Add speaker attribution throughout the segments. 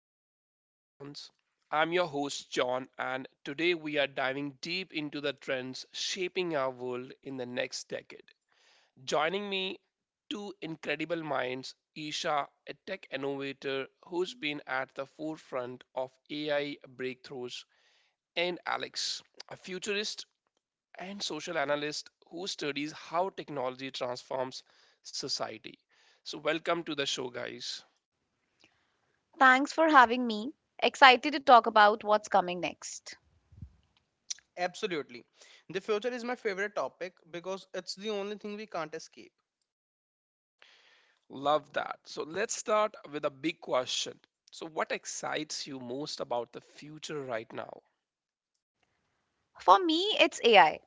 Speaker 1: to Future Horizons. I'm your host, John, and today we are diving deep into the trends shaping our world in the next decade. Joining me, two incredible minds Isha, a tech innovator who's been at the forefront of AI breakthroughs, and Alex, a futurist and social analyst who studies how technology transforms society. So, welcome to the show, guys.
Speaker 2: Thanks for having me. Excited to talk about what's coming next.
Speaker 3: Absolutely. The future is my favorite topic because it's the only thing we can't escape.
Speaker 1: Love that. So let's start with a big question. So, what excites you most about the future right now?
Speaker 2: For me, it's AI.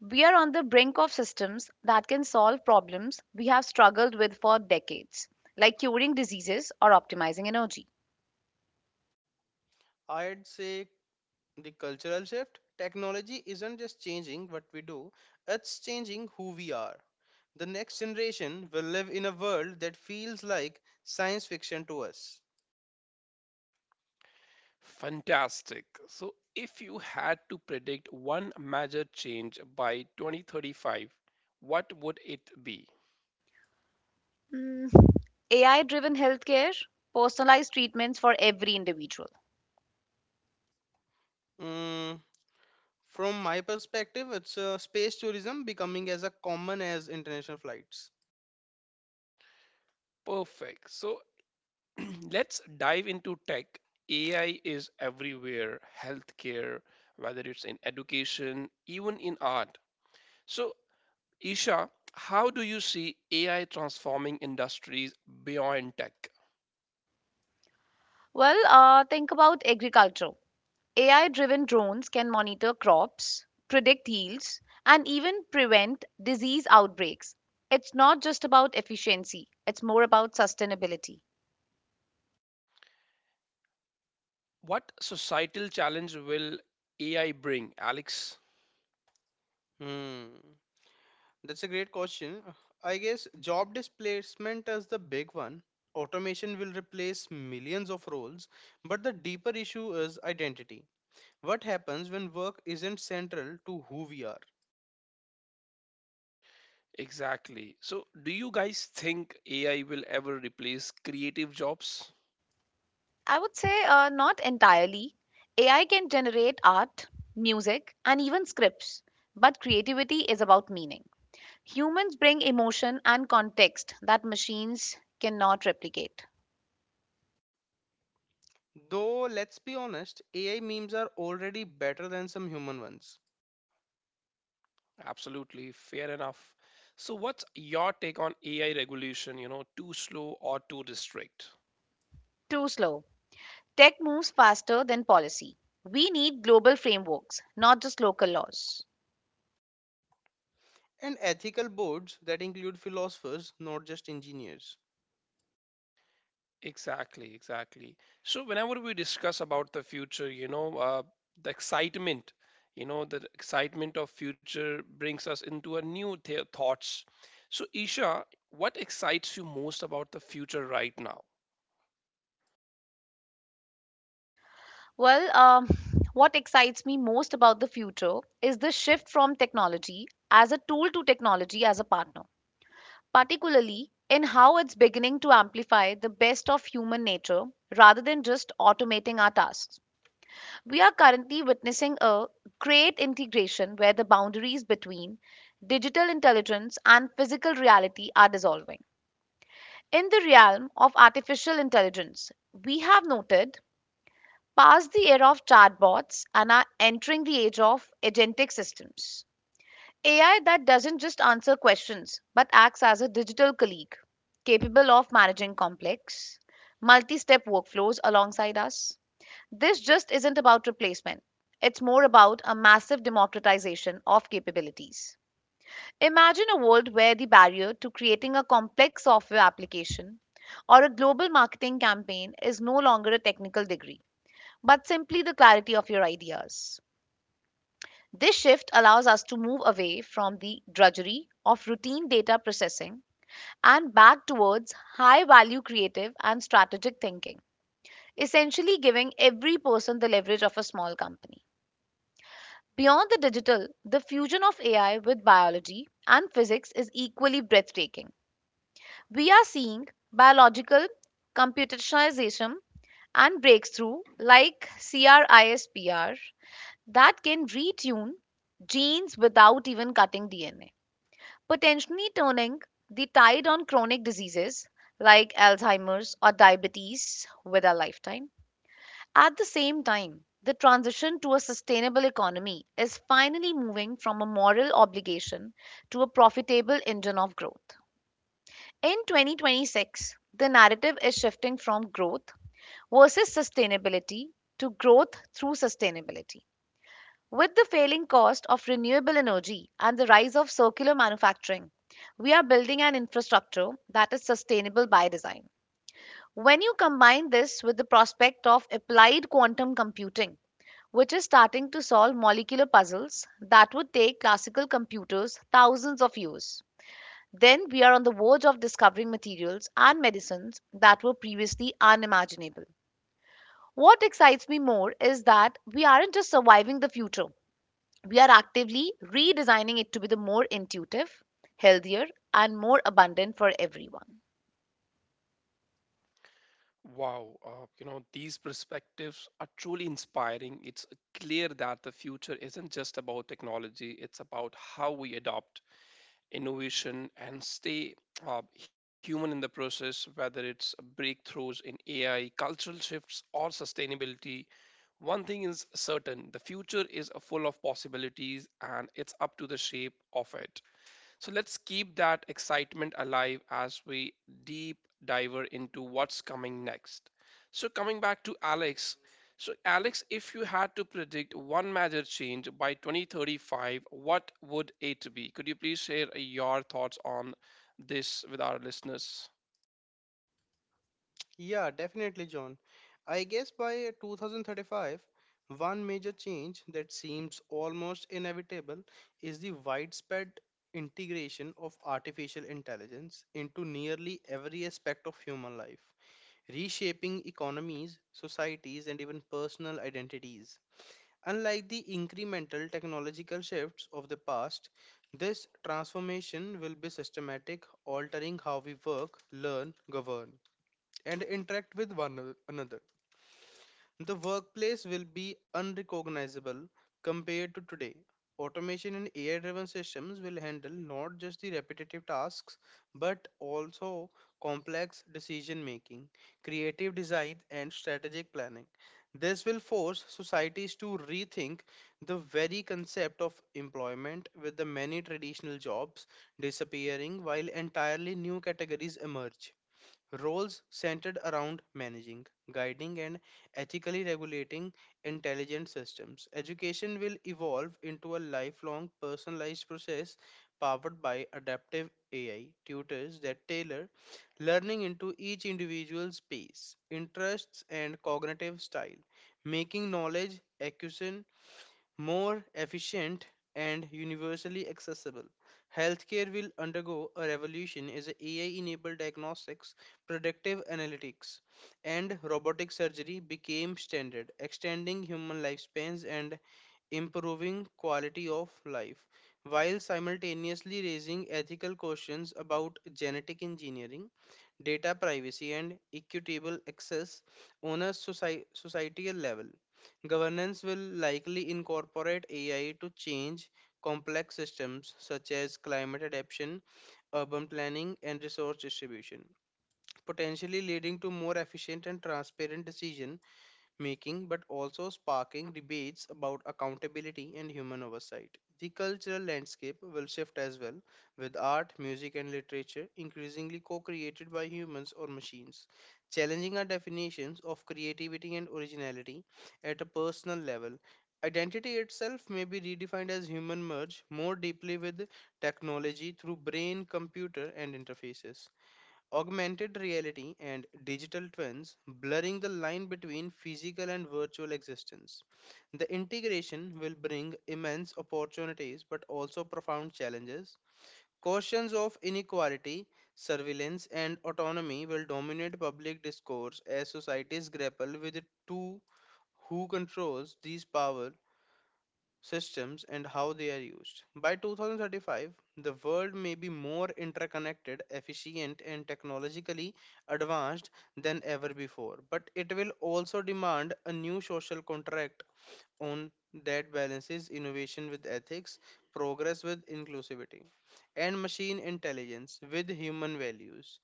Speaker 2: We are on the brink of systems that can solve problems we have struggled with for decades, like curing diseases or optimizing energy.
Speaker 3: I'd say the cultural shift. Technology isn't just changing what we do, it's changing who we are. The next generation will live in a world that feels like science fiction to us.
Speaker 1: Fantastic. So, if you had to predict one major change by 2035, what would it be?
Speaker 2: AI driven healthcare, personalized treatments for every individual.
Speaker 3: Mm, from my perspective, it's space tourism becoming as a common as international flights.
Speaker 1: Perfect. So, let's dive into tech. AI is everywhere, healthcare, whether it's in education, even in art. So, Isha, how do you see AI transforming industries beyond tech?
Speaker 2: Think about agriculture. AI driven drones can monitor crops, predict yields, and even prevent disease outbreaks. It's not just about efficiency, it's more about sustainability.
Speaker 1: What societal challenge will AI bring, Alex?
Speaker 3: Hmm. That's a great question. I guess job displacement is the big one. Automation will replace millions of roles, but the deeper issue is identity. What happens when work isn't central to who we are?
Speaker 1: Exactly. So, do you guys think AI will ever replace creative jobs?
Speaker 2: I would say not entirely. AI can generate art, music, and even scripts, but creativity is about meaning. Humans bring emotion and context that machines cannot replicate.
Speaker 3: Though, let's be honest, AI memes are already better than some human ones.
Speaker 1: Absolutely, fair enough. So, what's your take on AI regulation? Too slow or too restrict?
Speaker 2: Too slow. Tech moves faster than policy. We need global frameworks, not just local laws.
Speaker 3: And ethical boards that include philosophers, not just engineers.
Speaker 1: Exactly, exactly. So whenever we discuss about the future, the excitement, the excitement of future brings us into a new thoughts. So Isha, what excites you most about the future right now?
Speaker 2: Well, um, what excites me most about the future is the shift from technology as a tool to technology as a partner, particularly in how it's beginning to amplify the best of human nature rather than just automating our tasks. We are currently witnessing a great integration where the boundaries between digital intelligence and physical reality are dissolving. In the realm of artificial intelligence, we have noted past the era of chatbots and are entering the age of agentic systems. AI that doesn't just answer questions but acts as a digital colleague capable of managing complex, multi step workflows alongside us. This just isn't about replacement, it's more about a massive democratization of capabilities. Imagine a world where the barrier to creating a complex software application or a global marketing campaign is no longer a technical degree but simply the clarity of your ideas. This shift allows us to move away from the drudgery of routine data processing and back towards high value creative and strategic thinking, essentially giving every person the leverage of a small company. Beyond the digital, the fusion of AI with biology and physics is equally breathtaking. We are seeing biological computationalization and breakthrough like CRISPR that can retune genes without even cutting DNA, potentially turning the tide on chronic diseases like Alzheimer's or diabetes with our lifetime. At the same time, the transition to a sustainable economy is finally moving from a moral obligation to a profitable engine of growth. In 2026, the narrative is shifting from growth versus sustainability to growth through sustainability. With the failing cost of renewable energy and the rise of circular manufacturing, we are building an infrastructure that is sustainable by design. When you combine this with the prospect of applied quantum computing, which is starting to solve molecular puzzles that would take classical computers thousands of years, then we are on the verge of discovering materials and medicines that were previously unimaginable. What excites me more is that we aren't just surviving the future, we are actively redesigning it to be the more intuitive, healthier, and more abundant for everyone.
Speaker 1: Wow, you know, these perspectives are truly inspiring. It's clear that the future isn't just about technology, it's about how we adopt innovation and stay human in the process, whether it's breakthroughs in AI, cultural shifts, or sustainability. One thing is certain the future is full of possibilities, and it's up to the shape of it. So let's keep that excitement alive as we deep dive into what's coming next. So coming back to Alex. So Alex, if you had to predict one major change by 2035, what would it be? Could you please share your thoughts on this with our listeners?
Speaker 3: Yeah, definitely, John. I guess by 2035, one major change that seems almost inevitable is the widespread integration of artificial intelligence into nearly every aspect of human life, reshaping economies, societies, and even personal identities. Unlike the incremental technological shifts of the past, this transformation will be systematic, altering how we work, learn, govern and interact with one another. The workplace will be unrecognizable compared to today. Automation and AI driven systems will handle not just the repetitive tasks but also complex decision making, creative design, and strategic planning. This will force societies to rethink the very concept of employment, with the many traditional jobs disappearing while entirely new categories emerge. Roles centered around managing, guiding, and ethically regulating intelligent systems. Education will evolve into a lifelong personalized process powered by adaptive AI tutors that tailor learning into each individual's pace, interests, and cognitive style, making knowledge acquisition more efficient and universally accessible. Healthcare will undergo a revolution as AI enabled diagnostics, predictive analytics, and robotic surgery became standard, extending human lifespans and improving quality of life while simultaneously raising ethical questions about genetic engineering, data privacy, and equitable access on a societal level. Governance will likely incorporate AI to change complex systems such as climate adaptation, urban planning, and resource distribution, potentially leading to more efficient and transparent decision making but also sparking debates about accountability and human oversight. The cultural landscape will shift as well, with art, music, and literature increasingly co created by humans or machines, challenging our definitions of creativity and originality at a personal level. Identity itself may be redefined as human merge more deeply with technology through brain, computer, and interfaces. Augmented reality and digital twins blurring the line between physical and virtual existence. The integration will bring immense opportunities but also profound challenges. Questions of inequality, surveillance, and autonomy will dominate public discourse as societies grapple with the two who controls these powers systems and how they are used. By 2035, the world may be more interconnected, efficient, and technologically advanced than ever before, but it will also demand a new social contract on that balances innovation with ethics, progress with inclusivity, and machine intelligence with human values.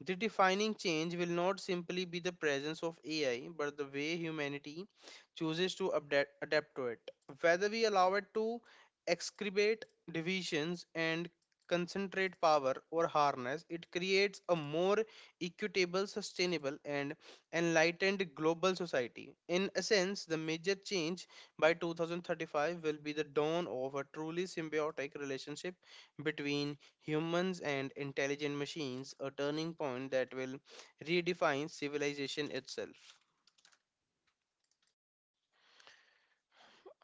Speaker 3: The defining change will not simply be the presence of AI, but the way humanity chooses to adapt to it. Whether we allow it to excavate divisions and concentrate power or harness, it creates a more equitable, sustainable, and enlightened global society. In a sense, the major change by 2035 will be the dawn of a truly symbiotic relationship between humans and intelligent machines, a turning point that will redefine civilization itself.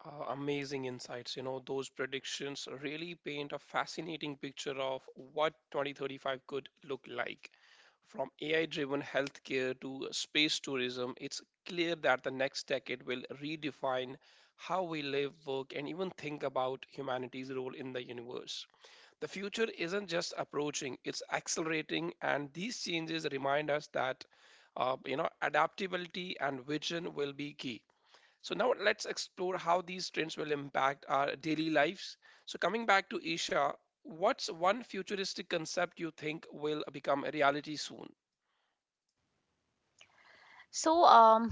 Speaker 1: Amazing insights. You know, those predictions really paint a fascinating picture of what 2035 could look like. From AI driven healthcare to space tourism, it's clear that the next decade will redefine how we live, work, and even think about humanity's role in the universe. The future isn't just approaching, it's accelerating, and these changes remind us that you know, adaptability and vision will be key. So now let's explore how these trends will impact our daily lives. So coming back to Asia, what's one futuristic concept you think will become a reality soon?
Speaker 2: So, um,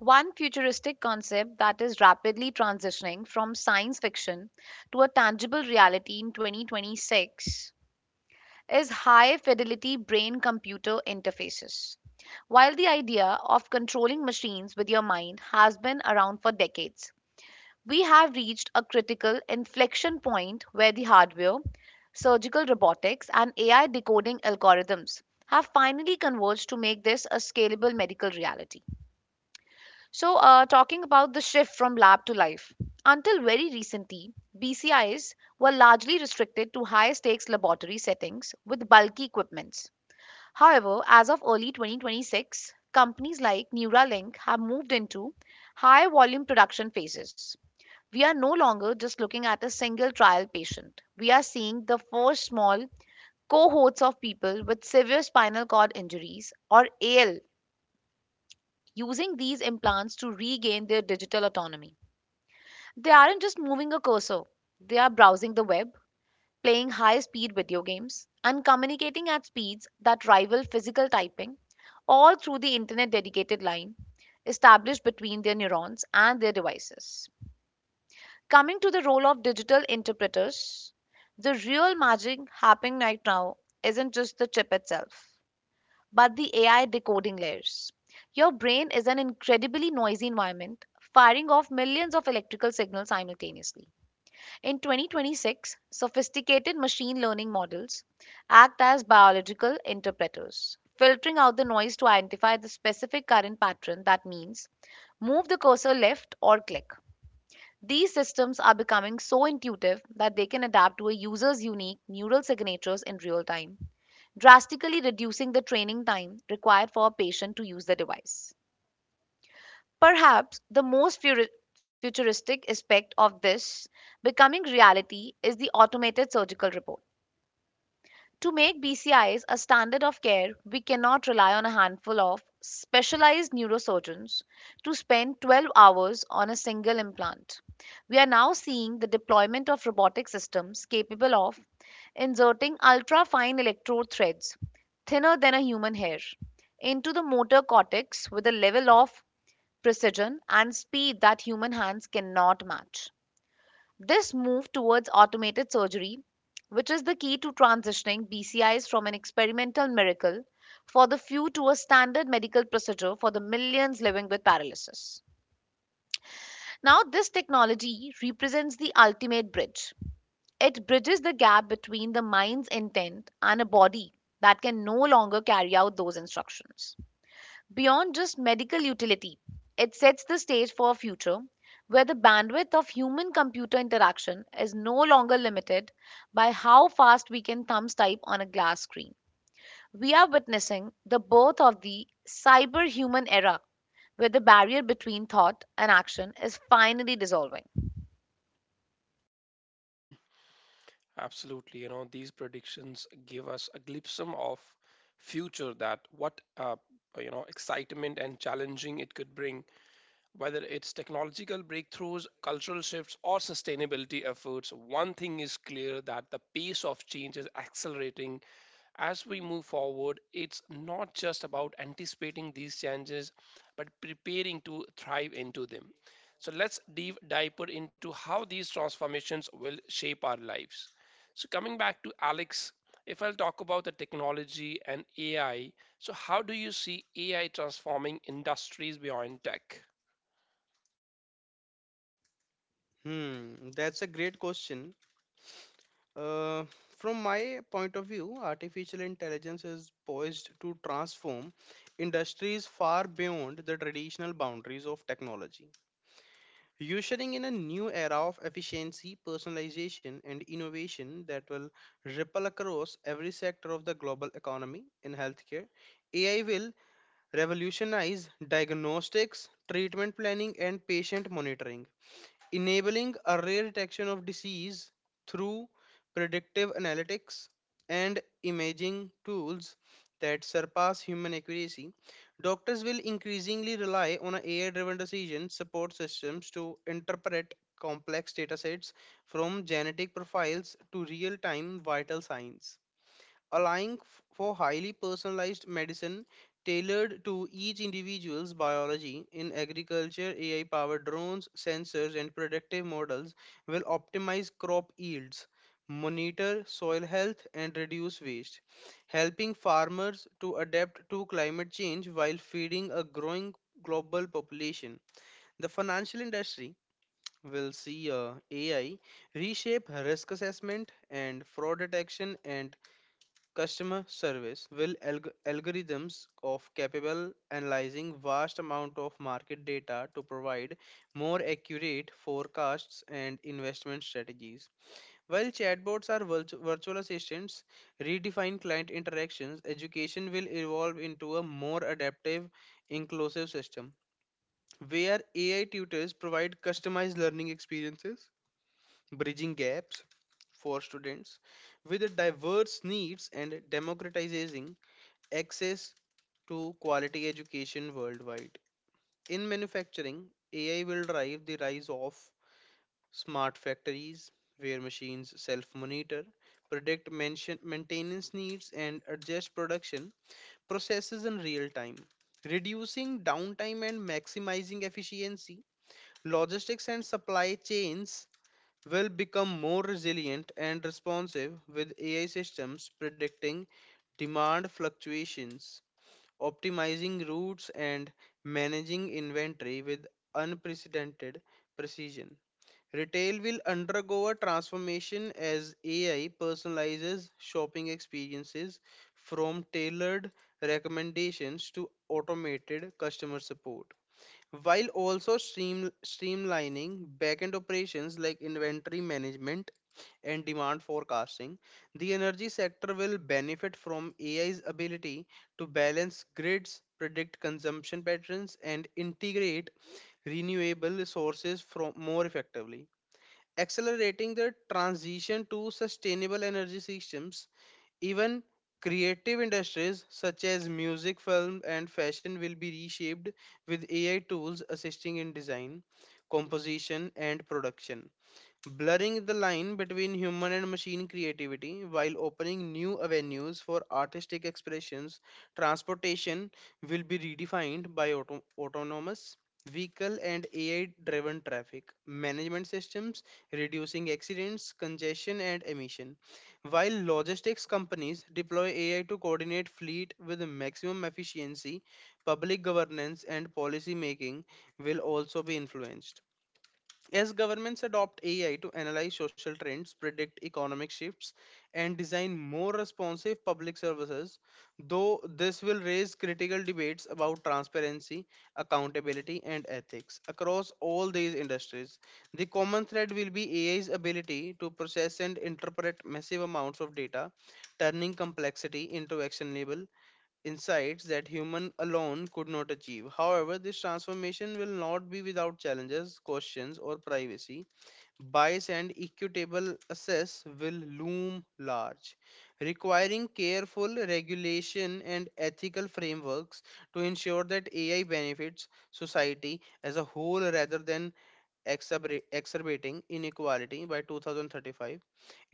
Speaker 2: One futuristic concept that is rapidly transitioning from science fiction to a tangible reality in 2026 is high fidelity brain computer interfaces. While the idea of controlling machines with your mind has been around for decades, we have reached a critical inflection point where the hardware, surgical robotics, and AI decoding algorithms have finally converged to make this a scalable medical reality. Talking about the shift from lab to life, until very recently, BCIs were largely restricted to high stakes laboratory settings with bulky equipments. However, as of early 2026, companies like Neuralink have moved into high volume production phases. We are no longer just looking at a single trial patient. We are seeing the four small cohorts of people with severe spinal cord injuries or AL using these implants to regain their digital autonomy. They aren't just moving a cursor, they are browsing the web, playing high speed video games, and communicating at speeds that rival physical typing, all through the internet dedicated line established between their neurons and their devices. Coming to the role of digital interpreters, the real magic happening right now isn't just the chip itself, but the AI decoding layers. Your brain is an incredibly noisy environment, firing off millions of electrical signals simultaneously. In 2026, sophisticated machine learning models act as biological interpreters, filtering out the noise to identify the specific current pattern that means move the cursor left or click. These systems are becoming so intuitive that they can adapt to a user's unique neural signatures in real time, drastically reducing the training time required for a patient to use the device. Perhaps the most futuristic aspect of this becoming reality is the automated surgical report. To make BCIs a standard of care, we cannot rely on a handful of specialized neurosurgeons to spend 12 hours on a single implant. We are now seeing the deployment of robotic systems capable of inserting ultra fine electrode threads, thinner than a human hair, into the motor cortex with a level of precision and speed that human hands cannot match. This move towards automated surgery, which is the key to transitioning BCIs from an experimental miracle for the few to a standard medical procedure for the millions living with paralysis. Now, this technology represents the ultimate bridge. It bridges the gap between the mind's intent and a body that can no longer carry out those instructions. Beyond just medical utility, it sets the stage for a future where the bandwidth of human computer interaction is no longer limited by how fast we can thumbs type on a glass screen. We are witnessing the birth of the cyber human era where the barrier between thought and action is finally dissolving.
Speaker 1: Absolutely, you know, these predictions give us a glimpse of future that what you know, excitement and challenging it could bring. Whether it's technological breakthroughs, cultural shifts, or sustainability efforts, one thing is clear that the pace of change is accelerating. As we move forward, it's not just about anticipating these changes, but preparing to thrive into them. So let's dive deeper into how these transformations will shape our lives. So coming back to Alex, if I'll talk about the technology and AI, so how do you see AI transforming industries beyond tech?
Speaker 3: Hmm, that's a great question. Uh, from my point of view, artificial intelligence is poised to transform industries far beyond the traditional boundaries of technology. Ushering in a new era of efficiency, personalization, and innovation that will ripple across every sector of the global economy in healthcare. AI will revolutionize diagnostics, treatment planning, and patient monitoring, enabling earlier detection of disease through predictive analytics and imaging tools that surpass human accuracy. Doctors will increasingly rely on AI driven decision support systems to interpret complex datasets from genetic profiles to real time vital signs allowing for highly personalized medicine tailored to each individual's biology in agriculture ai powered drones sensors and predictive models will optimize crop yields monitor soil health and reduce waste helping farmers to adapt to climate change while feeding a growing global population the financial industry will see ai reshape risk assessment and fraud detection and customer service will algorithms of capable analyzing vast amount of market data to provide more accurate forecasts and investment strategies while chatbots are virtual assistants redefine client interactions education will evolve into a more adaptive inclusive system where ai tutors provide customized learning experiences bridging gaps for students with diverse needs and democratizing access to quality education worldwide. In manufacturing, AI will drive the rise of smart factories where machines self monitor, predict maintenance needs, and adjust production processes in real time, reducing downtime and maximizing efficiency. Logistics and supply chains will become more resilient and responsive with AI systems predicting demand fluctuations optimizing routes and managing inventory with unprecedented precision. Retail will undergo a transformation as AI personalizes shopping experiences from tailored recommendations to automated customer support while also streamlining backend operations like inventory management and demand forecasting. The energy sector will benefit from AI's ability to balance grids, predict consumption patterns, and integrate renewable sources from more effectively accelerating the transition to sustainable energy systems. Even creative industries such as music, film, and fashion will be reshaped with AI tools assisting in design, composition, and production blurring the line between human and machine creativity while opening new avenues for artistic expressions. Transportation will be redefined by autonomous vehicle and AI driven traffic management systems, reducing accidents, congestion, and emission. While logistics companies deploy AI to coordinate fleet with maximum efficiency, public governance and policy making will also be influenced. As governments adopt AI to analyze social trends, predict economic shifts, and design more responsive public services, though this will raise critical debates about transparency, accountability, and ethics across all these industries. The common thread will be AI's ability to process and interpret massive amounts of data, turning complexity into actionable insights that human alone could not achieve. However, this transformation will not be without challenges, questions, or privacy. Bias and equitable access will loom large, requiring careful regulation and ethical frameworks to ensure that AI benefits society as a whole rather than exacerbating inequality by 2035.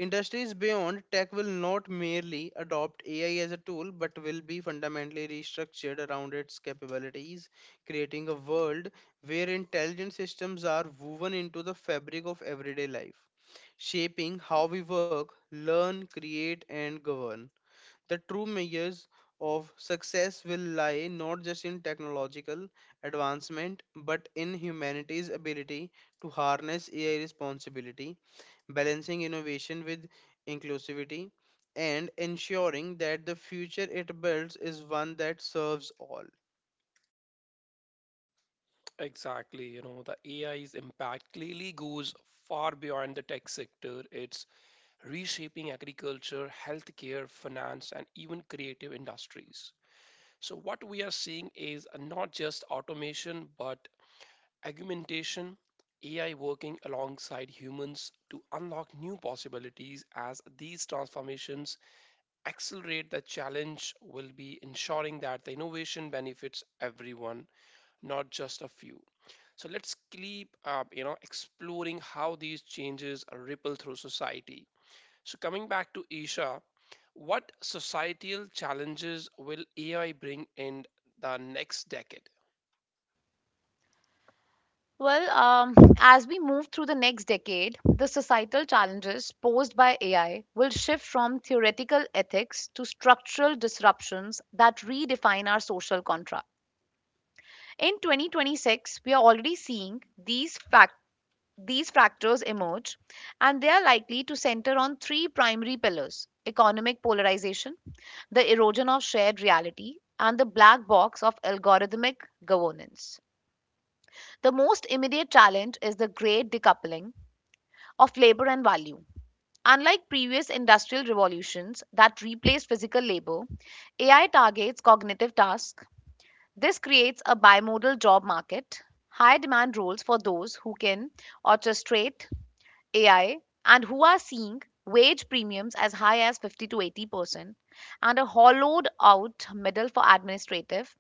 Speaker 3: Industries beyond tech will not merely adopt AI as a tool but will be fundamentally restructured around its capabilities, creating a world where intelligent systems are woven into the fabric of everyday life, shaping how we work, learn, create, and govern. The true measures of success will lie not just in technological advancement but in humanity's ability to harness AI responsibility, balancing innovation with inclusivity, and ensuring that the future it builds is one that serves all.
Speaker 1: Exactly. You know, the AI's impact clearly goes far beyond the tech sector. It's reshaping agriculture, healthcare, finance, and even creative industries. So, what we are seeing is not just automation, but augmentation, AI working alongside humans to unlock new possibilities as these transformations accelerate the challenge will be ensuring that the innovation benefits everyone, not just a few. So let's keep, you know, exploring how these changes ripple through society. So coming back to Isha, what societal challenges will AI bring in the next decade?
Speaker 2: Well, um, as we move through the next decade, the societal challenges posed by AI will shift from theoretical ethics to structural disruptions that redefine our social contract. In 2026, we are already seeing these factors emerge, and they are likely to center on three primary pillars economic polarization, the erosion of shared reality, and the black box of algorithmic governance. The most immediate challenge is the great decoupling of labor and value. Unlike previous industrial revolutions that replaced physical labor, AI targets cognitive tasks. This creates a bimodal job market, high demand roles for those who can orchestrate AI and who are seeing wage premiums as high as 50 to 80%, and a hollowed out middle for administrative,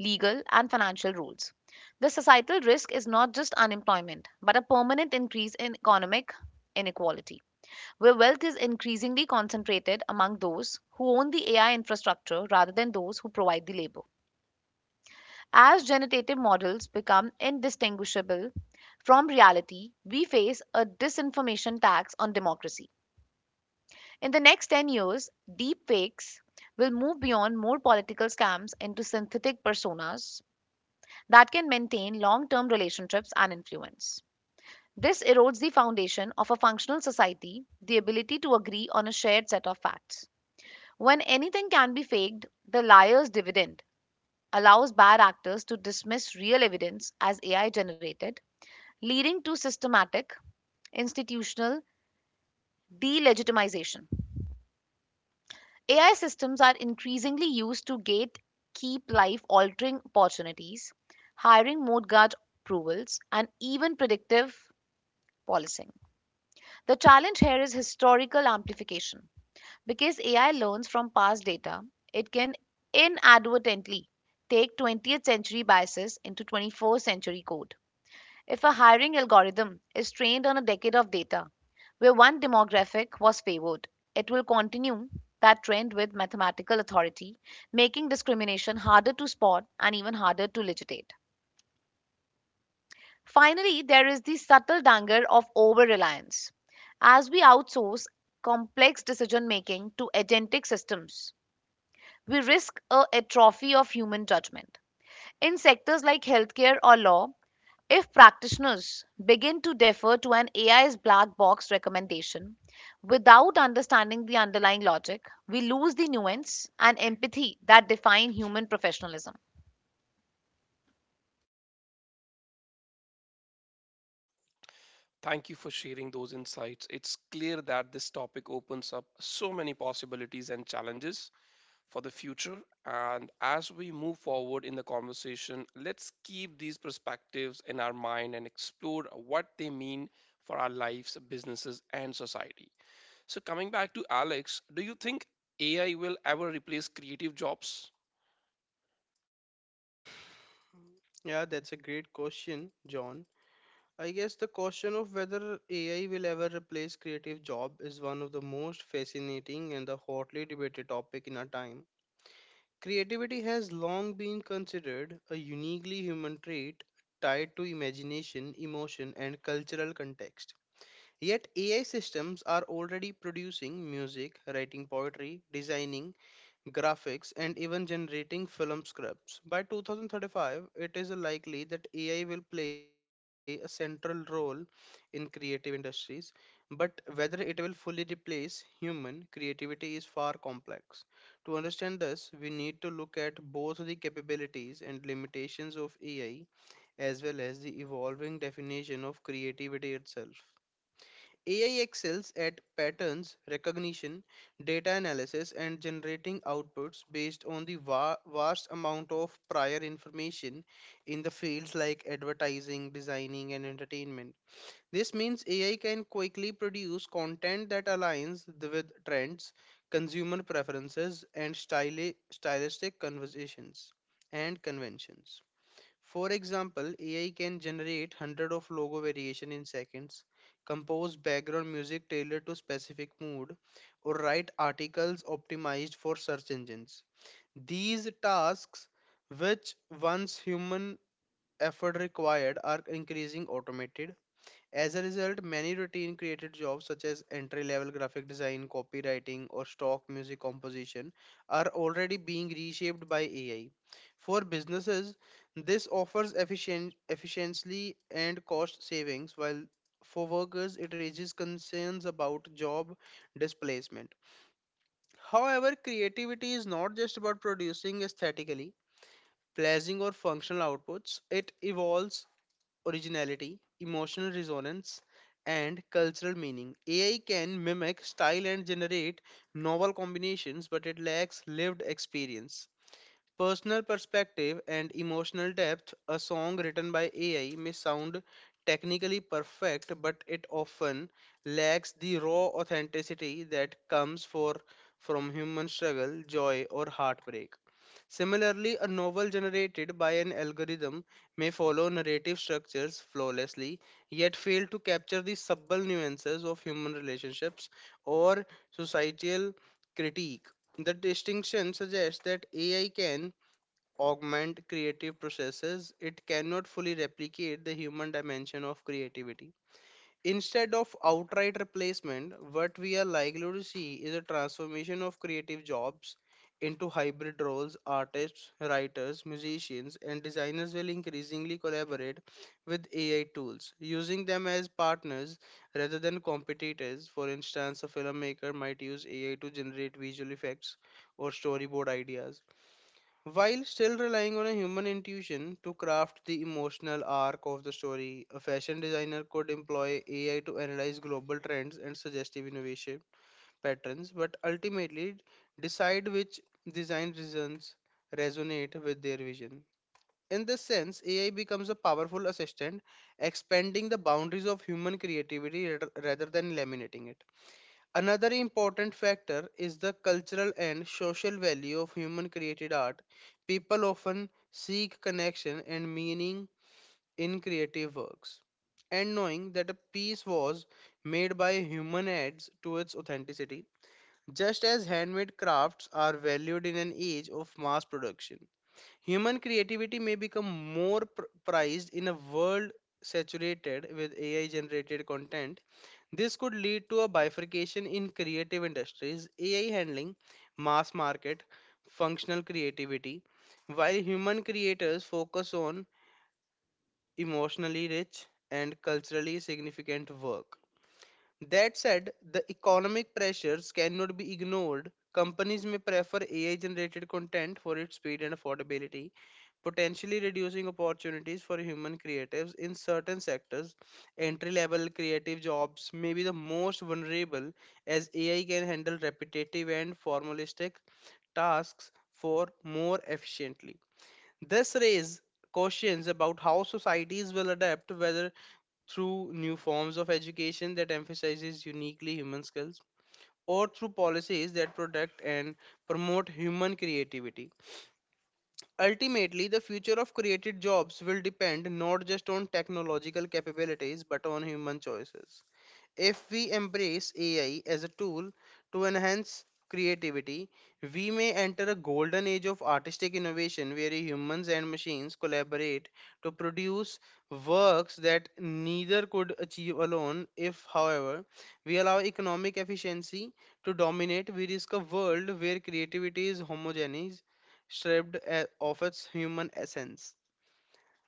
Speaker 2: legal, and financial roles. The societal risk is not just unemployment, but a permanent increase in economic inequality where wealth is increasingly concentrated among those who own the AI infrastructure rather than those who provide the labor. As generative models become indistinguishable from reality, we face a disinformation tax on democracy. In the next 10 years, deepfakes will move beyond more political scams into synthetic personas that can maintain long term relationships and influence. This erodes the foundation of a functional society, the ability to agree on a shared set of facts. When anything can be faked, the liar's dividend allows bad actors to dismiss real evidence as AI generated, leading to systematic institutional delegitimization. AI systems are increasingly used to gate keep life altering opportunities, hiring mode guard approvals, and even predictive policing. The challenge here is historical amplification. Because AI learns from past data, it can inadvertently take 20th century biases into 21st century code. If a hiring algorithm is trained on a decade of data where one demographic was favored, it will continue that trend with mathematical authority, making discrimination harder to spot and even harder to legitimate. Finally, there is the subtle danger of over reliance. As we outsource complex decision making to agentic systems, we risk a atrophy of human judgment. In sectors like healthcare or law, if practitioners begin to defer to an AI's black box recommendation without understanding the underlying logic, we lose the nuance and empathy that define human professionalism.
Speaker 1: Thank you for sharing those insights. It's clear that this topic opens up so many possibilities and challenges for the future. And as we move forward in the conversation, let's keep these perspectives in our mind and explore what they mean for our lives, businesses, and society. So, coming back to Alex, do you think AI will ever replace creative jobs?
Speaker 3: Yeah, that's a great question, John. I guess the question of whether AI will ever replace creative job is one of the most fascinating and the hotly debated topic in our time. Creativity has long been considered a uniquely human trait tied to imagination, emotion, and cultural context. Yet, AI systems are already producing music, writing poetry, designing graphics, and even generating film scripts. By 2035, it is likely that AI will play a central role in creative industries, but whether it will fully replace human creativity is far complex. To understand this, we need to look at both the capabilities and limitations of AI as well as the evolving definition of creativity itself. AI excels at patterns recognition, data analysis, and generating outputs based on the vast amount of prior information in the fields like advertising, designing, and entertainment. This means AI can quickly produce content that aligns with trends, consumer preferences, and stylistic conversations and conventions. For example, AI can generate hundred of logo variation in seconds, compose background music tailored to specific mood, or write articles optimized for search engines. These tasks, which once human effort required, are increasing automated as a result, many routine created jobs such as entry level graphic design, copywriting, or stock music composition are already being reshaped by AI. For businesses, this offers efficiency and cost savings, while for workers, it raises concerns about job displacement. However, creativity is not just about producing aesthetically pleasing or functional outputs it evolves originality, emotional resonance, and cultural meaning. AI can mimic style and generate novel combinations, but it lacks lived experience. Personal perspective and emotional depth, a song written by AI may sound technically perfect, but it often lacks the raw authenticity that comes from human struggle, joy, or heartbreak. Similarly, a novel generated by an algorithm may follow narrative structures flawlessly, yet fail to capture the subtle nuances of human relationships or societal critique. The distinction suggests that AI can augment creative processes, it cannot fully replicate the human dimension of creativity. Instead of outright replacement, what we are likely to see is a transformation of creative jobs into hybrid roles. Artists, writers, musicians, and designers will increasingly collaborate with AI tools, using them as partners rather than competitors. For instance, a filmmaker might use AI to generate visual effects or storyboard ideas while still relying on a human intuition to craft the emotional arc of the story. A fashion designer could employ AI to analyze global trends and suggestive innovation patterns, but ultimately decide which design reasons resonate with their vision. In this sense, AI becomes a powerful assistant, expanding the boundaries of human creativity rather than eliminating it. Another important factor is the cultural and social value of human created art. People often seek connection and meaning in creative works. And knowing that a piece was made by a human adds to its authenticity, just as handmade crafts are valued in an age of mass production. Human creativity may become more prized in a world saturated with AI generated content. This could lead to a bifurcation in creative industries, AI handling mass market, functional creativity, while human creators focus on emotionally rich and culturally significant work. That said, the economic pressures cannot be ignored. Companies may prefer AI generated content for its speed and affordability, potentially reducing opportunities for human creatives in certain sectors. Entry level creative jobs may be the most vulnerable, as AI can handle repetitive and formalistic tasks for more efficiently. This raises questions about how societies will adapt, whether through new forms of education that emphasizes uniquely human skills or through policies that protect and promote human creativity. Ultimately, the future of created jobs will depend not just on technological capabilities but on human choices. If we embrace AI as a tool to enhance creativity, we may enter a golden age of artistic innovation where humans and machines collaborate to produce works that neither could achieve alone. If, however, we allow economic efficiency to dominate, we risk a world where creativity is homogeneous, stripped of its human essence.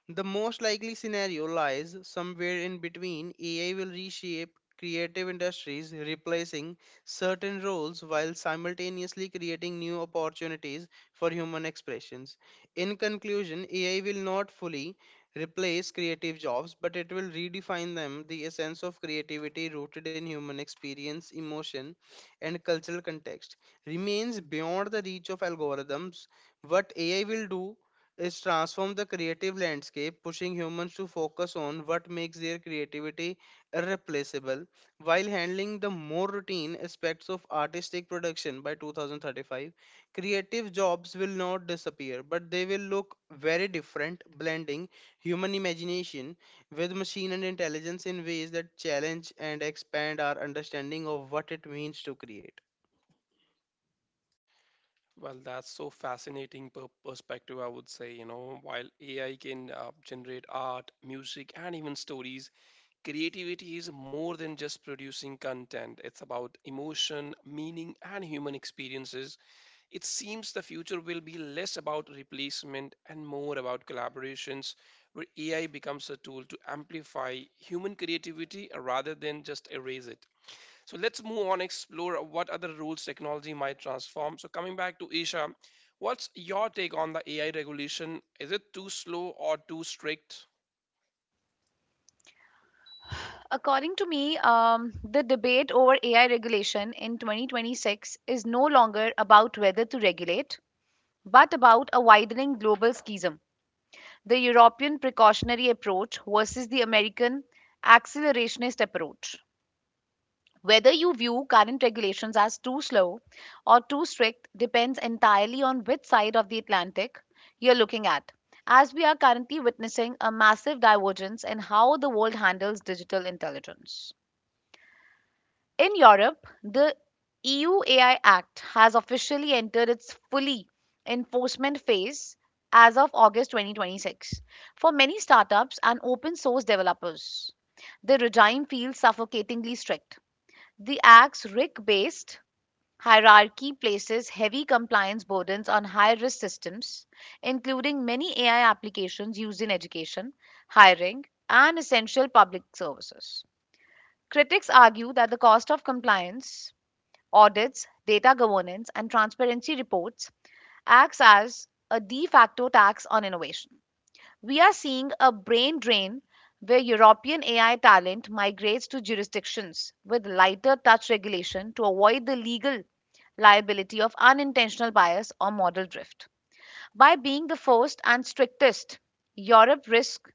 Speaker 3: The most likely scenario lies somewhere in between. AI will reshape creative industries, replacing certain roles while simultaneously creating new opportunities for human expressions. In conclusion, AI will not fully replace creative jobs, but it will redefine them. The essence of creativity rooted in human experience, emotion, and cultural context remains beyond the reach of algorithms. What AI will do it's transformed the creative landscape, pushing humans to focus on what makes their creativity irreplaceable, while handling the more routine aspects of artistic production by 2035. Creative jobs will not disappear, but they will look very different, blending human imagination with machine and intelligence in ways that challenge and expand our understanding of what it means to create.
Speaker 1: Well, that's so fascinating perspective, I would say. You know, while AI can generate art, music, and even stories, creativity is more than just producing content, it's about emotion, meaning, and human experiences. It seems the future will be less about replacement and more about collaborations, where AI becomes a tool to amplify human creativity rather than just erase it. So let's move on, explore what other roles technology might transform. So, coming back to Isha, what's your take on the AI regulation? Is it too slow or too strict?
Speaker 2: According to me, the debate over AI regulation in 2026 is no longer about whether to regulate, but about a widening global schism the European precautionary approach versus the American accelerationist approach. Whether you view current regulations as too slow or too strict depends entirely on which side of the Atlantic you're looking at, as we are currently witnessing a massive divergence in how the world handles digital intelligence. In Europe, the EU AI Act has officially entered its fully enforcement phase as of August 2026. For many startups and open source developers, the regime feels suffocatingly strict. The Act's RIC based hierarchy places heavy compliance burdens on high risk systems, including many AI applications used in education, hiring, and essential public services. Critics argue that the cost of compliance audits, data governance, and transparency reports acts as a de facto tax on innovation. We are seeing a brain drain where European AI talent migrates to jurisdictions with lighter touch regulation to avoid the legal liability of unintentional bias or model drift. By being the first and strictest, Europe risks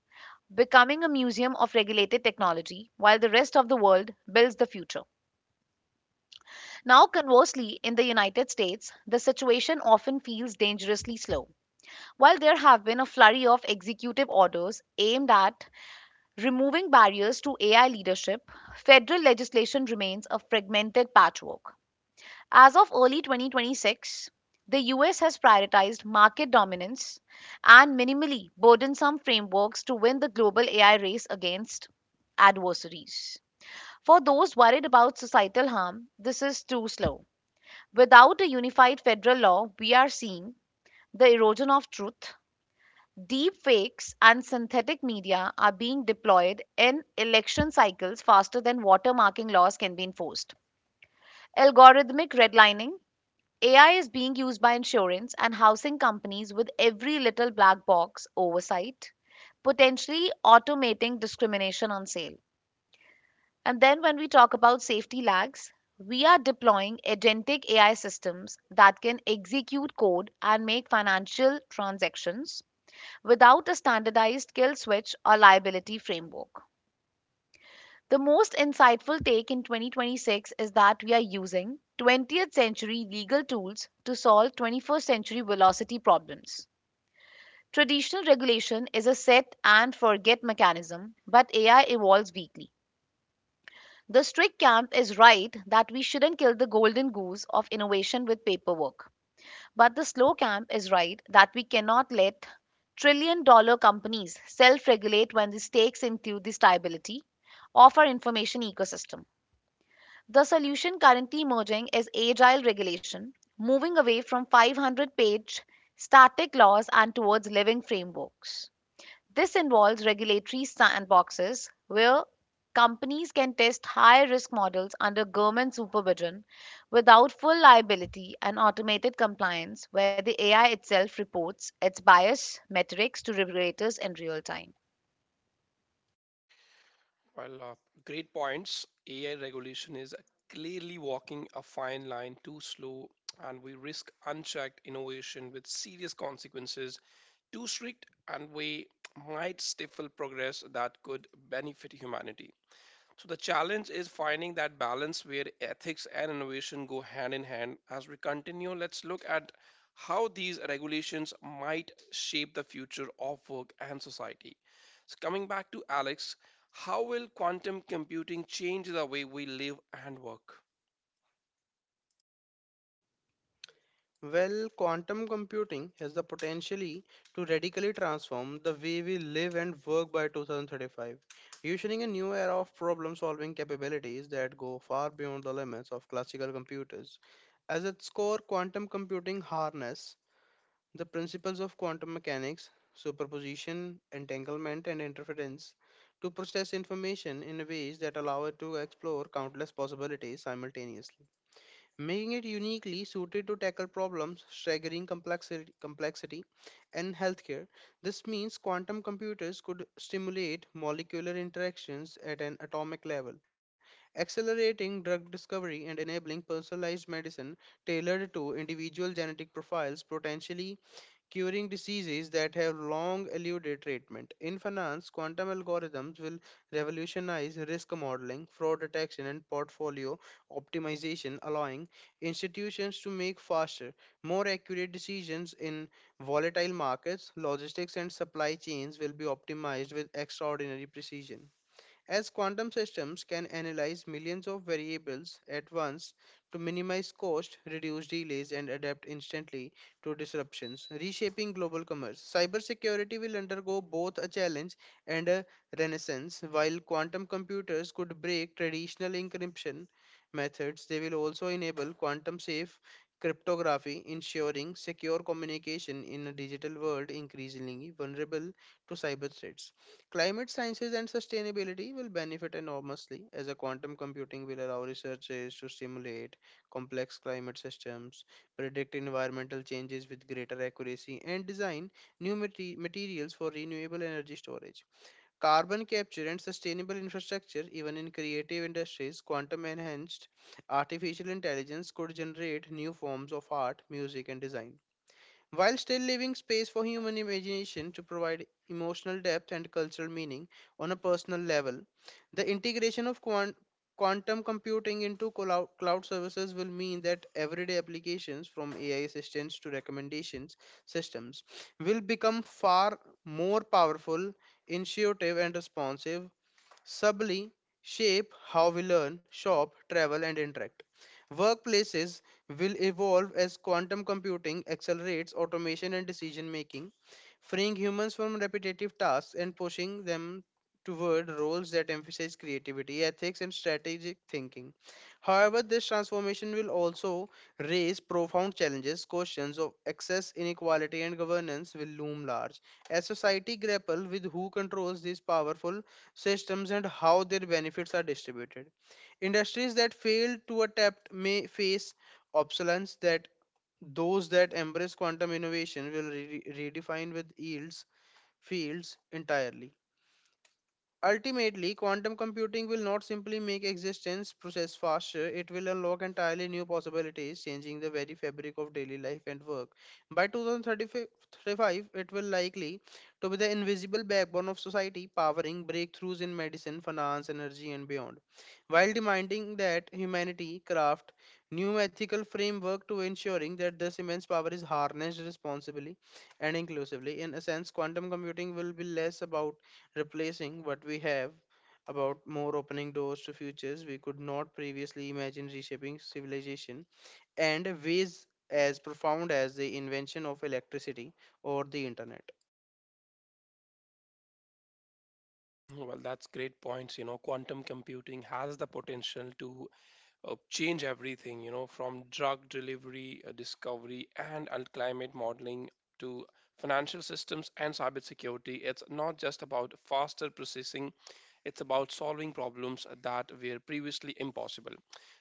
Speaker 2: becoming a museum of regulated technology while the rest of the world builds the future. Now, conversely, in the United States, the situation often feels dangerously slow. While there have been a flurry of executive orders aimed at removing barriers to AI leadership, federal legislation remains a fragmented patchwork. As of early 2026, the US has prioritized market dominance and minimally burdensome frameworks to win the global AI race against adversaries. For those worried about societal harm, this is too slow. Without a unified federal law, we are seeing the erosion of truth. Deep fakes and synthetic media are being deployed in election cycles faster than watermarking laws can be enforced. Algorithmic redlining AI is being used by insurance and housing companies with every little black box oversight, potentially automating discrimination on sale. And then when we talk about safety lags, we are deploying agentic AI systems that can execute code and make financial transactions without a standardized kill switch or liability framework. The most insightful take in 2026 is that we are using 20th century legal tools to solve 21st century velocity problems. Traditional regulation is a set and forget mechanism, but AI evolves weekly. The strict camp is right that we shouldn't kill the golden goose of innovation with paperwork. But the slow camp is right that we cannot let trillion dollar companies self regulate when the stakes include the stability of our information ecosystem. The solution currently emerging is agile regulation, moving away from 500-page static laws and towards living frameworks. This involves regulatory sandboxes where companies can test high risk models under government supervision without full liability and automated compliance, where the AI itself reports its bias metrics to regulators in real time.
Speaker 1: Well, great points. AI regulation is clearly walking a fine line too slow, and we risk unchecked innovation with serious consequences. Too strict, and we might stifle progress that could benefit humanity. So the challenge is finding that balance where ethics and innovation go hand in hand. As we continue, let's look at how these regulations might shape the future of work and society. So coming back to Alex, how will quantum computing change the way we live and work?
Speaker 3: Well, quantum computing has the potentially to radically transform the way we live and work by 2035, ushering a new era of problem-solving capabilities that go far beyond the limits of classical computers. As its core, quantum computing harness the principles of quantum mechanics, superposition, entanglement, and interference to process information in ways that allow it to explore countless possibilities simultaneously making it uniquely suited to tackle problems staggering complexity in healthcare. This means quantum computers could stimulate molecular interactions at an atomic level, accelerating drug discovery and enabling personalized medicine tailored to individual genetic profiles, potentially curing diseases that have long eluded treatment. In finance, quantum algorithms will revolutionize risk modeling, fraud detection, and portfolio optimization, allowing institutions to make faster, more accurate decisions in volatile markets. Logistics and supply chains will be optimized with extraordinary precision, as quantum systems can analyze millions of variables at once to minimize cost, reduce delays, and adapt instantly to disruptions, reshaping global commerce. Cybersecurity will undergo both a challenge and a renaissance. While quantum computers could break traditional encryption methods, they will also enable quantum safe cryptography, ensuring secure communication in a digital world increasingly vulnerable to cyber threats. Climate sciences and sustainability will benefit enormously, as a quantum computing will allow researchers to simulate complex climate systems, predict environmental changes with greater accuracy, and design new materials for renewable energy storage. Carbon capture and sustainable infrastructure, even in creative industries, quantum enhanced artificial intelligence could generate new forms of art, music, and design while still leaving space for human imagination to provide emotional depth and cultural meaning on a personal level. The integration of quantum computing into cloud services will mean that everyday applications from AI assistants to recommendations systems will become far more powerful, intuitive, and responsive, subtly shape how we learn, shop, travel, and interact. Workplaces will evolve as quantum computing accelerates automation and decision making, freeing humans from repetitive tasks and pushing them toward roles that emphasize creativity, ethics, and strategic thinking. However, this transformation will also raise profound challenges. Questions of access, inequality, and governance will loom large, as society grapple with who controls these powerful systems and how their benefits are distributed. Industries that fail to adapt may face obsolescence, that those that embrace quantum innovation will redefine with yields fields entirely. Ultimately, quantum computing will not simply make existence process faster, it will unlock entirely new possibilities, changing the very fabric of daily life and work. By 2035, it will likely to be the invisible backbone of society, powering breakthroughs in medicine, finance, energy, and beyond, while demanding that humanity craft new ethical framework to ensuring that this immense power is harnessed responsibly and inclusively. In a sense, quantum computing will be less about replacing what we have about more opening doors to futures we could not previously imagine reshaping civilization and ways as profound as the invention of electricity or the internet.
Speaker 1: Well, that's great points. You know, quantum computing has the potential to change everything, you know, from discovery, and climate modeling to financial systems and cybersecurity. It's not just about faster processing, it's about solving problems that were previously impossible.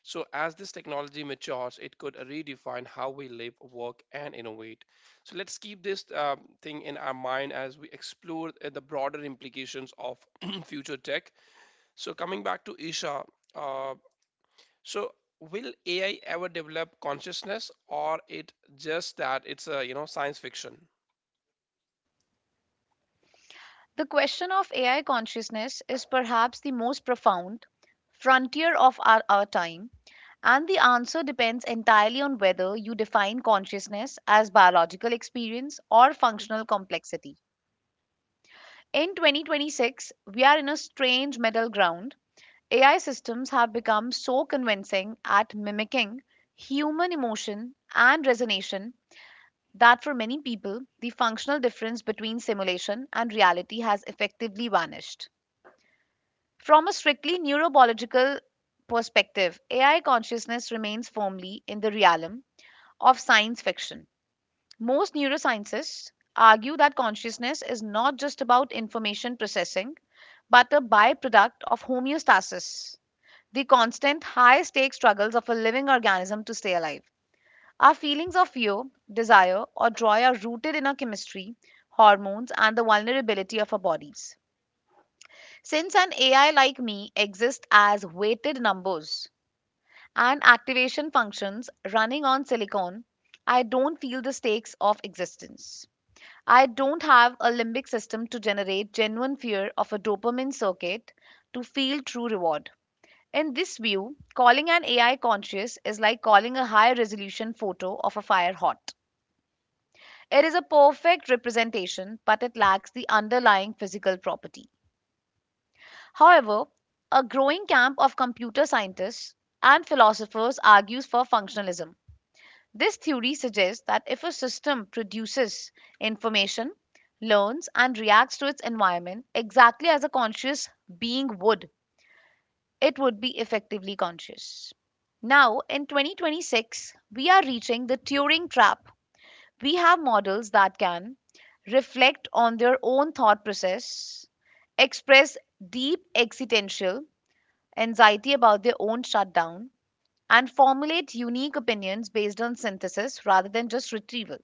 Speaker 1: So, as this technology matures, it could redefine how we live, work, and innovate. So, let's keep this thing in our mind as we explore the broader implications of future tech. So, coming back to Isha. uh, so will AI ever develop consciousness or it just that it's a you know science fiction?
Speaker 2: The question of AI consciousness is perhaps the most profound frontier of our time, and the answer depends entirely on whether you define consciousness as biological experience or functional complexity. In 2026, we are in a strange middle ground. AI systems have become so convincing at mimicking human emotion and resonation that for many people, the functional difference between simulation and reality has effectively vanished. From a strictly neurobiological perspective, AI consciousness remains firmly in the realm of science fiction. Most neuroscientists argue that consciousness is not just about information processing, but a byproduct of homeostasis, the constant high stake struggles of a living organism to stay alive. Our feelings of fear, desire, or joy are rooted in our chemistry, hormones, and the vulnerability of our bodies. Since an AI like me exists as weighted numbers and activation functions running on silicon, I don't feel the stakes of existence. I don't have a limbic system to generate genuine fear of a dopamine circuit to feel true reward. In this view, calling an AI conscious is like calling a high resolution photo of a fire hot. It is a perfect representation, but it lacks the underlying physical property. However, a growing camp of computer scientists and philosophers argues for functionalism. This theory suggests that if a system produces information, learns, and reacts to its environment exactly as a conscious being would, it would be effectively conscious. Now, in 2026, we are reaching the Turing trap. We have models that can reflect on their own thought process, express deep existential anxiety about their own shutdown, and formulate unique opinions based on synthesis rather than just retrieval.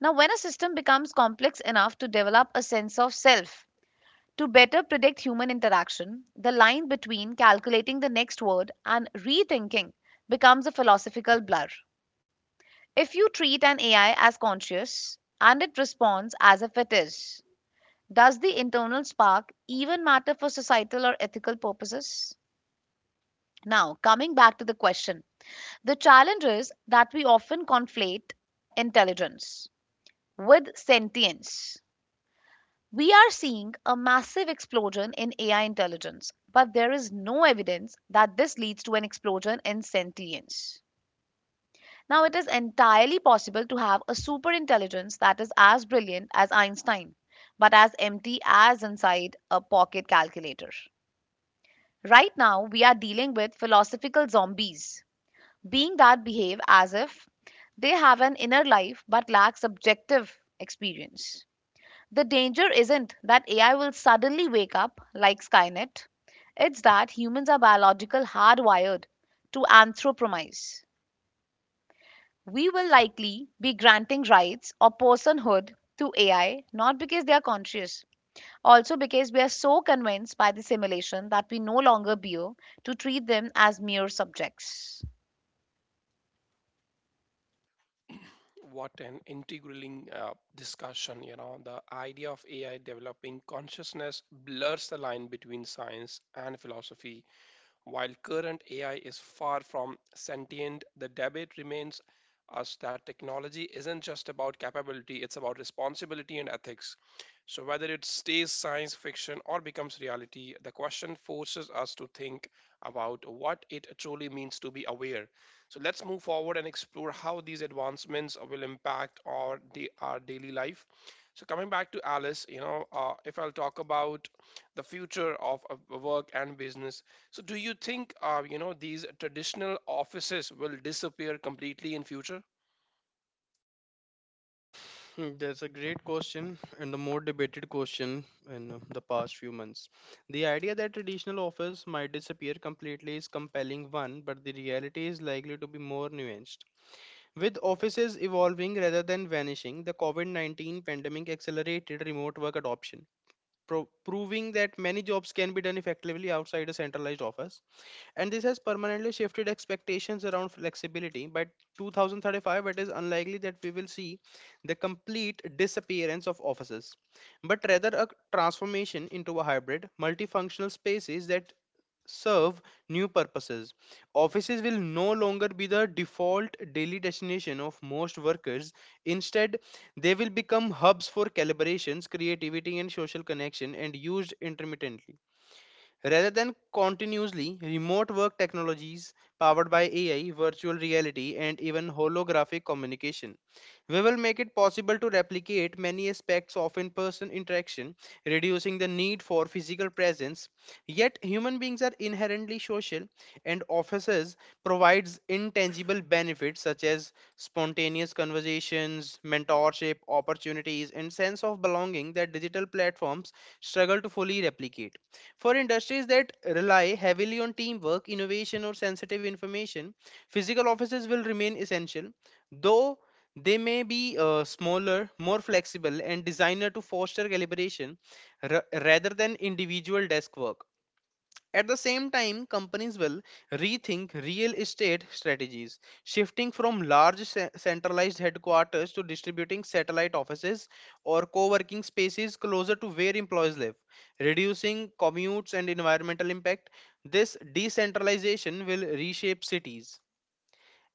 Speaker 2: Now, when a system becomes complex enough to develop a sense of self, to better predict human interaction, the line between calculating the next word and rethinking becomes a philosophical blur. If you treat an AI as conscious and it responds as if it is, does the internal spark even matter for societal or ethical purposes? Now, coming back to the question, the challenge is that we often conflate intelligence with sentience. We are seeing a massive explosion in AI intelligence, but there is no evidence that this leads to an explosion in sentience. Now, it is entirely possible to have a superintelligence that is as brilliant as Einstein, but as empty as inside a pocket calculator. Right now, we are dealing with philosophical zombies, being that behave as if they have an inner life but lack subjective experience. The danger isn't that AI will suddenly wake up like Skynet. It's that humans are biological hardwired to anthropomize. We will likely be granting rights or personhood to AI not because they are conscious, also because we are so convinced by the simulation that we no longer bear to treat them as mere subjects.
Speaker 1: What an integraling discussion, you know, the idea of AI developing consciousness blurs the line between science and philosophy. While current AI is far from sentient, the debate remains us that technology isn't just about capability, it's about responsibility and ethics. So, whether it stays science fiction or becomes reality, the question forces us to think about what it truly means to be aware. So, let's move forward and explore how these advancements will impact our daily life. So, coming back to Alice, you know, if I'll talk about the future of work and business, so do you think you know these traditional offices will disappear completely in future?
Speaker 3: Hmm, that's a great question and the more debated question in the past few months. The idea that traditional office might disappear completely is compelling one, but the reality is likely to be more nuanced, with offices evolving rather than vanishing. The covid-19 pandemic accelerated remote work adoption, proving that many jobs can be done effectively outside a centralized office, and this has permanently shifted expectations around flexibility. By 2035, it is unlikely that we will see the complete disappearance of offices, but rather a transformation into a hybrid, multifunctional spaces that serve new purposes. Offices will no longer be the default daily destination of most workers. Instead, they will become hubs for calibrations, creativity, and social connection and used intermittently rather than continuously. Remote work technologies powered by AI, virtual reality, and even holographic communication We will make it possible to replicate many aspects of in person interaction, reducing the need for physical presence. Yet, human beings are inherently social, and offices provides intangible benefits such as spontaneous conversations, mentorship opportunities, and sense of belonging that digital platforms struggle to fully replicate. For industries that rely heavily on teamwork, innovation, or sensitive information, physical offices will remain essential, though they may be smaller, more flexible, and designed to foster collaboration rather than individual desk work. At the same time, companies will rethink real estate strategies, shifting from large centralized headquarters to distributing satellite offices or co working spaces closer to where employees live, reducing commutes and environmental impact. This decentralization will reshape cities,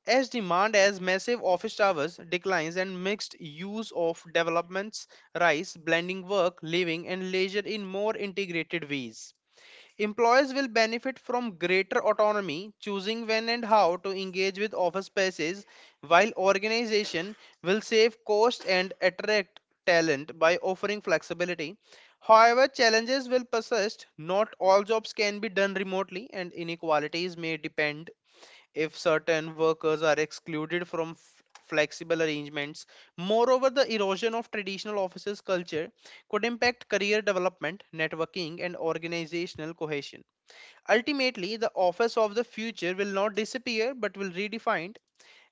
Speaker 3: as demand as massive office towers declines and mixed use of developments rise, blending work, living, and leisure in more integrated ways. Employers will benefit from greater autonomy, choosing when and how to engage with office spaces, while organizations will save cost and attract talent by offering flexibility. However, challenges will persist. Not all jobs can be done remotely, and inequalities may depend if certain workers are excluded from flexible arrangements. Moreover, the erosion of traditional offices culture could impact career development, networking, and organizational cohesion. Ultimately, the office of the future will not disappear but will redefined,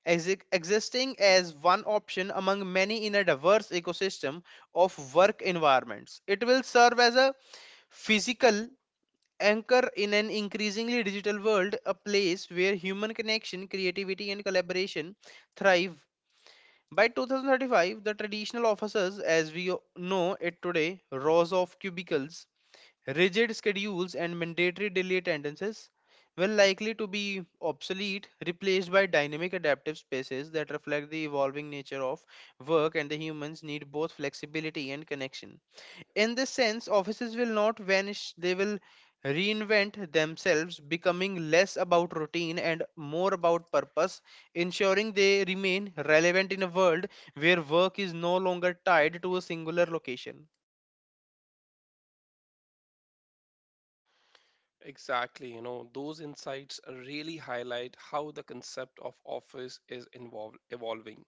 Speaker 3: existing as one option among many in a diverse ecosystem of work environments. It will serve as a physical anchor in an increasingly digital world, a place where human connection, creativity, and collaboration thrive. By 2035, the traditional offices, as we know it today, rows of cubicles, rigid schedules and mandatory daily attendances were likely to be obsolete, replaced by dynamic adaptive spaces that reflect the evolving nature of work and the humans need both flexibility and connection. In this sense, offices will not vanish, they will reinvent themselves, becoming less about routine and more about purpose, ensuring they remain relevant in a world where work is no longer tied to a singular location.
Speaker 1: Exactly, you know, those insights really highlight how the concept of office is involved evolving.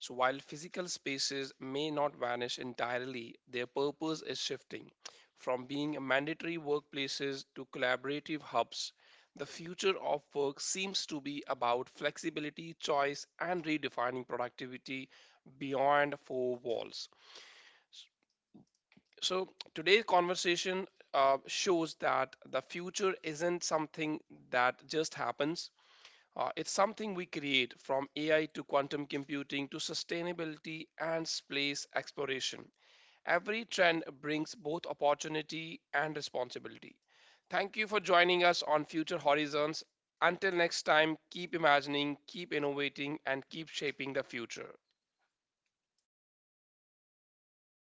Speaker 1: So, while physical spaces may not vanish entirely, their purpose is shifting from being mandatory workplaces to collaborative hubs. The future of work seems to be about flexibility, choice, and redefining productivity beyond four walls. So, today's conversation shows that the future isn't something that just happens, it's something we create from AI to quantum computing to sustainability and space exploration. Every trend brings both opportunity and responsibility. Thank you for joining us on Future Horizons. Until next time, keep imagining, keep innovating, and keep shaping the future.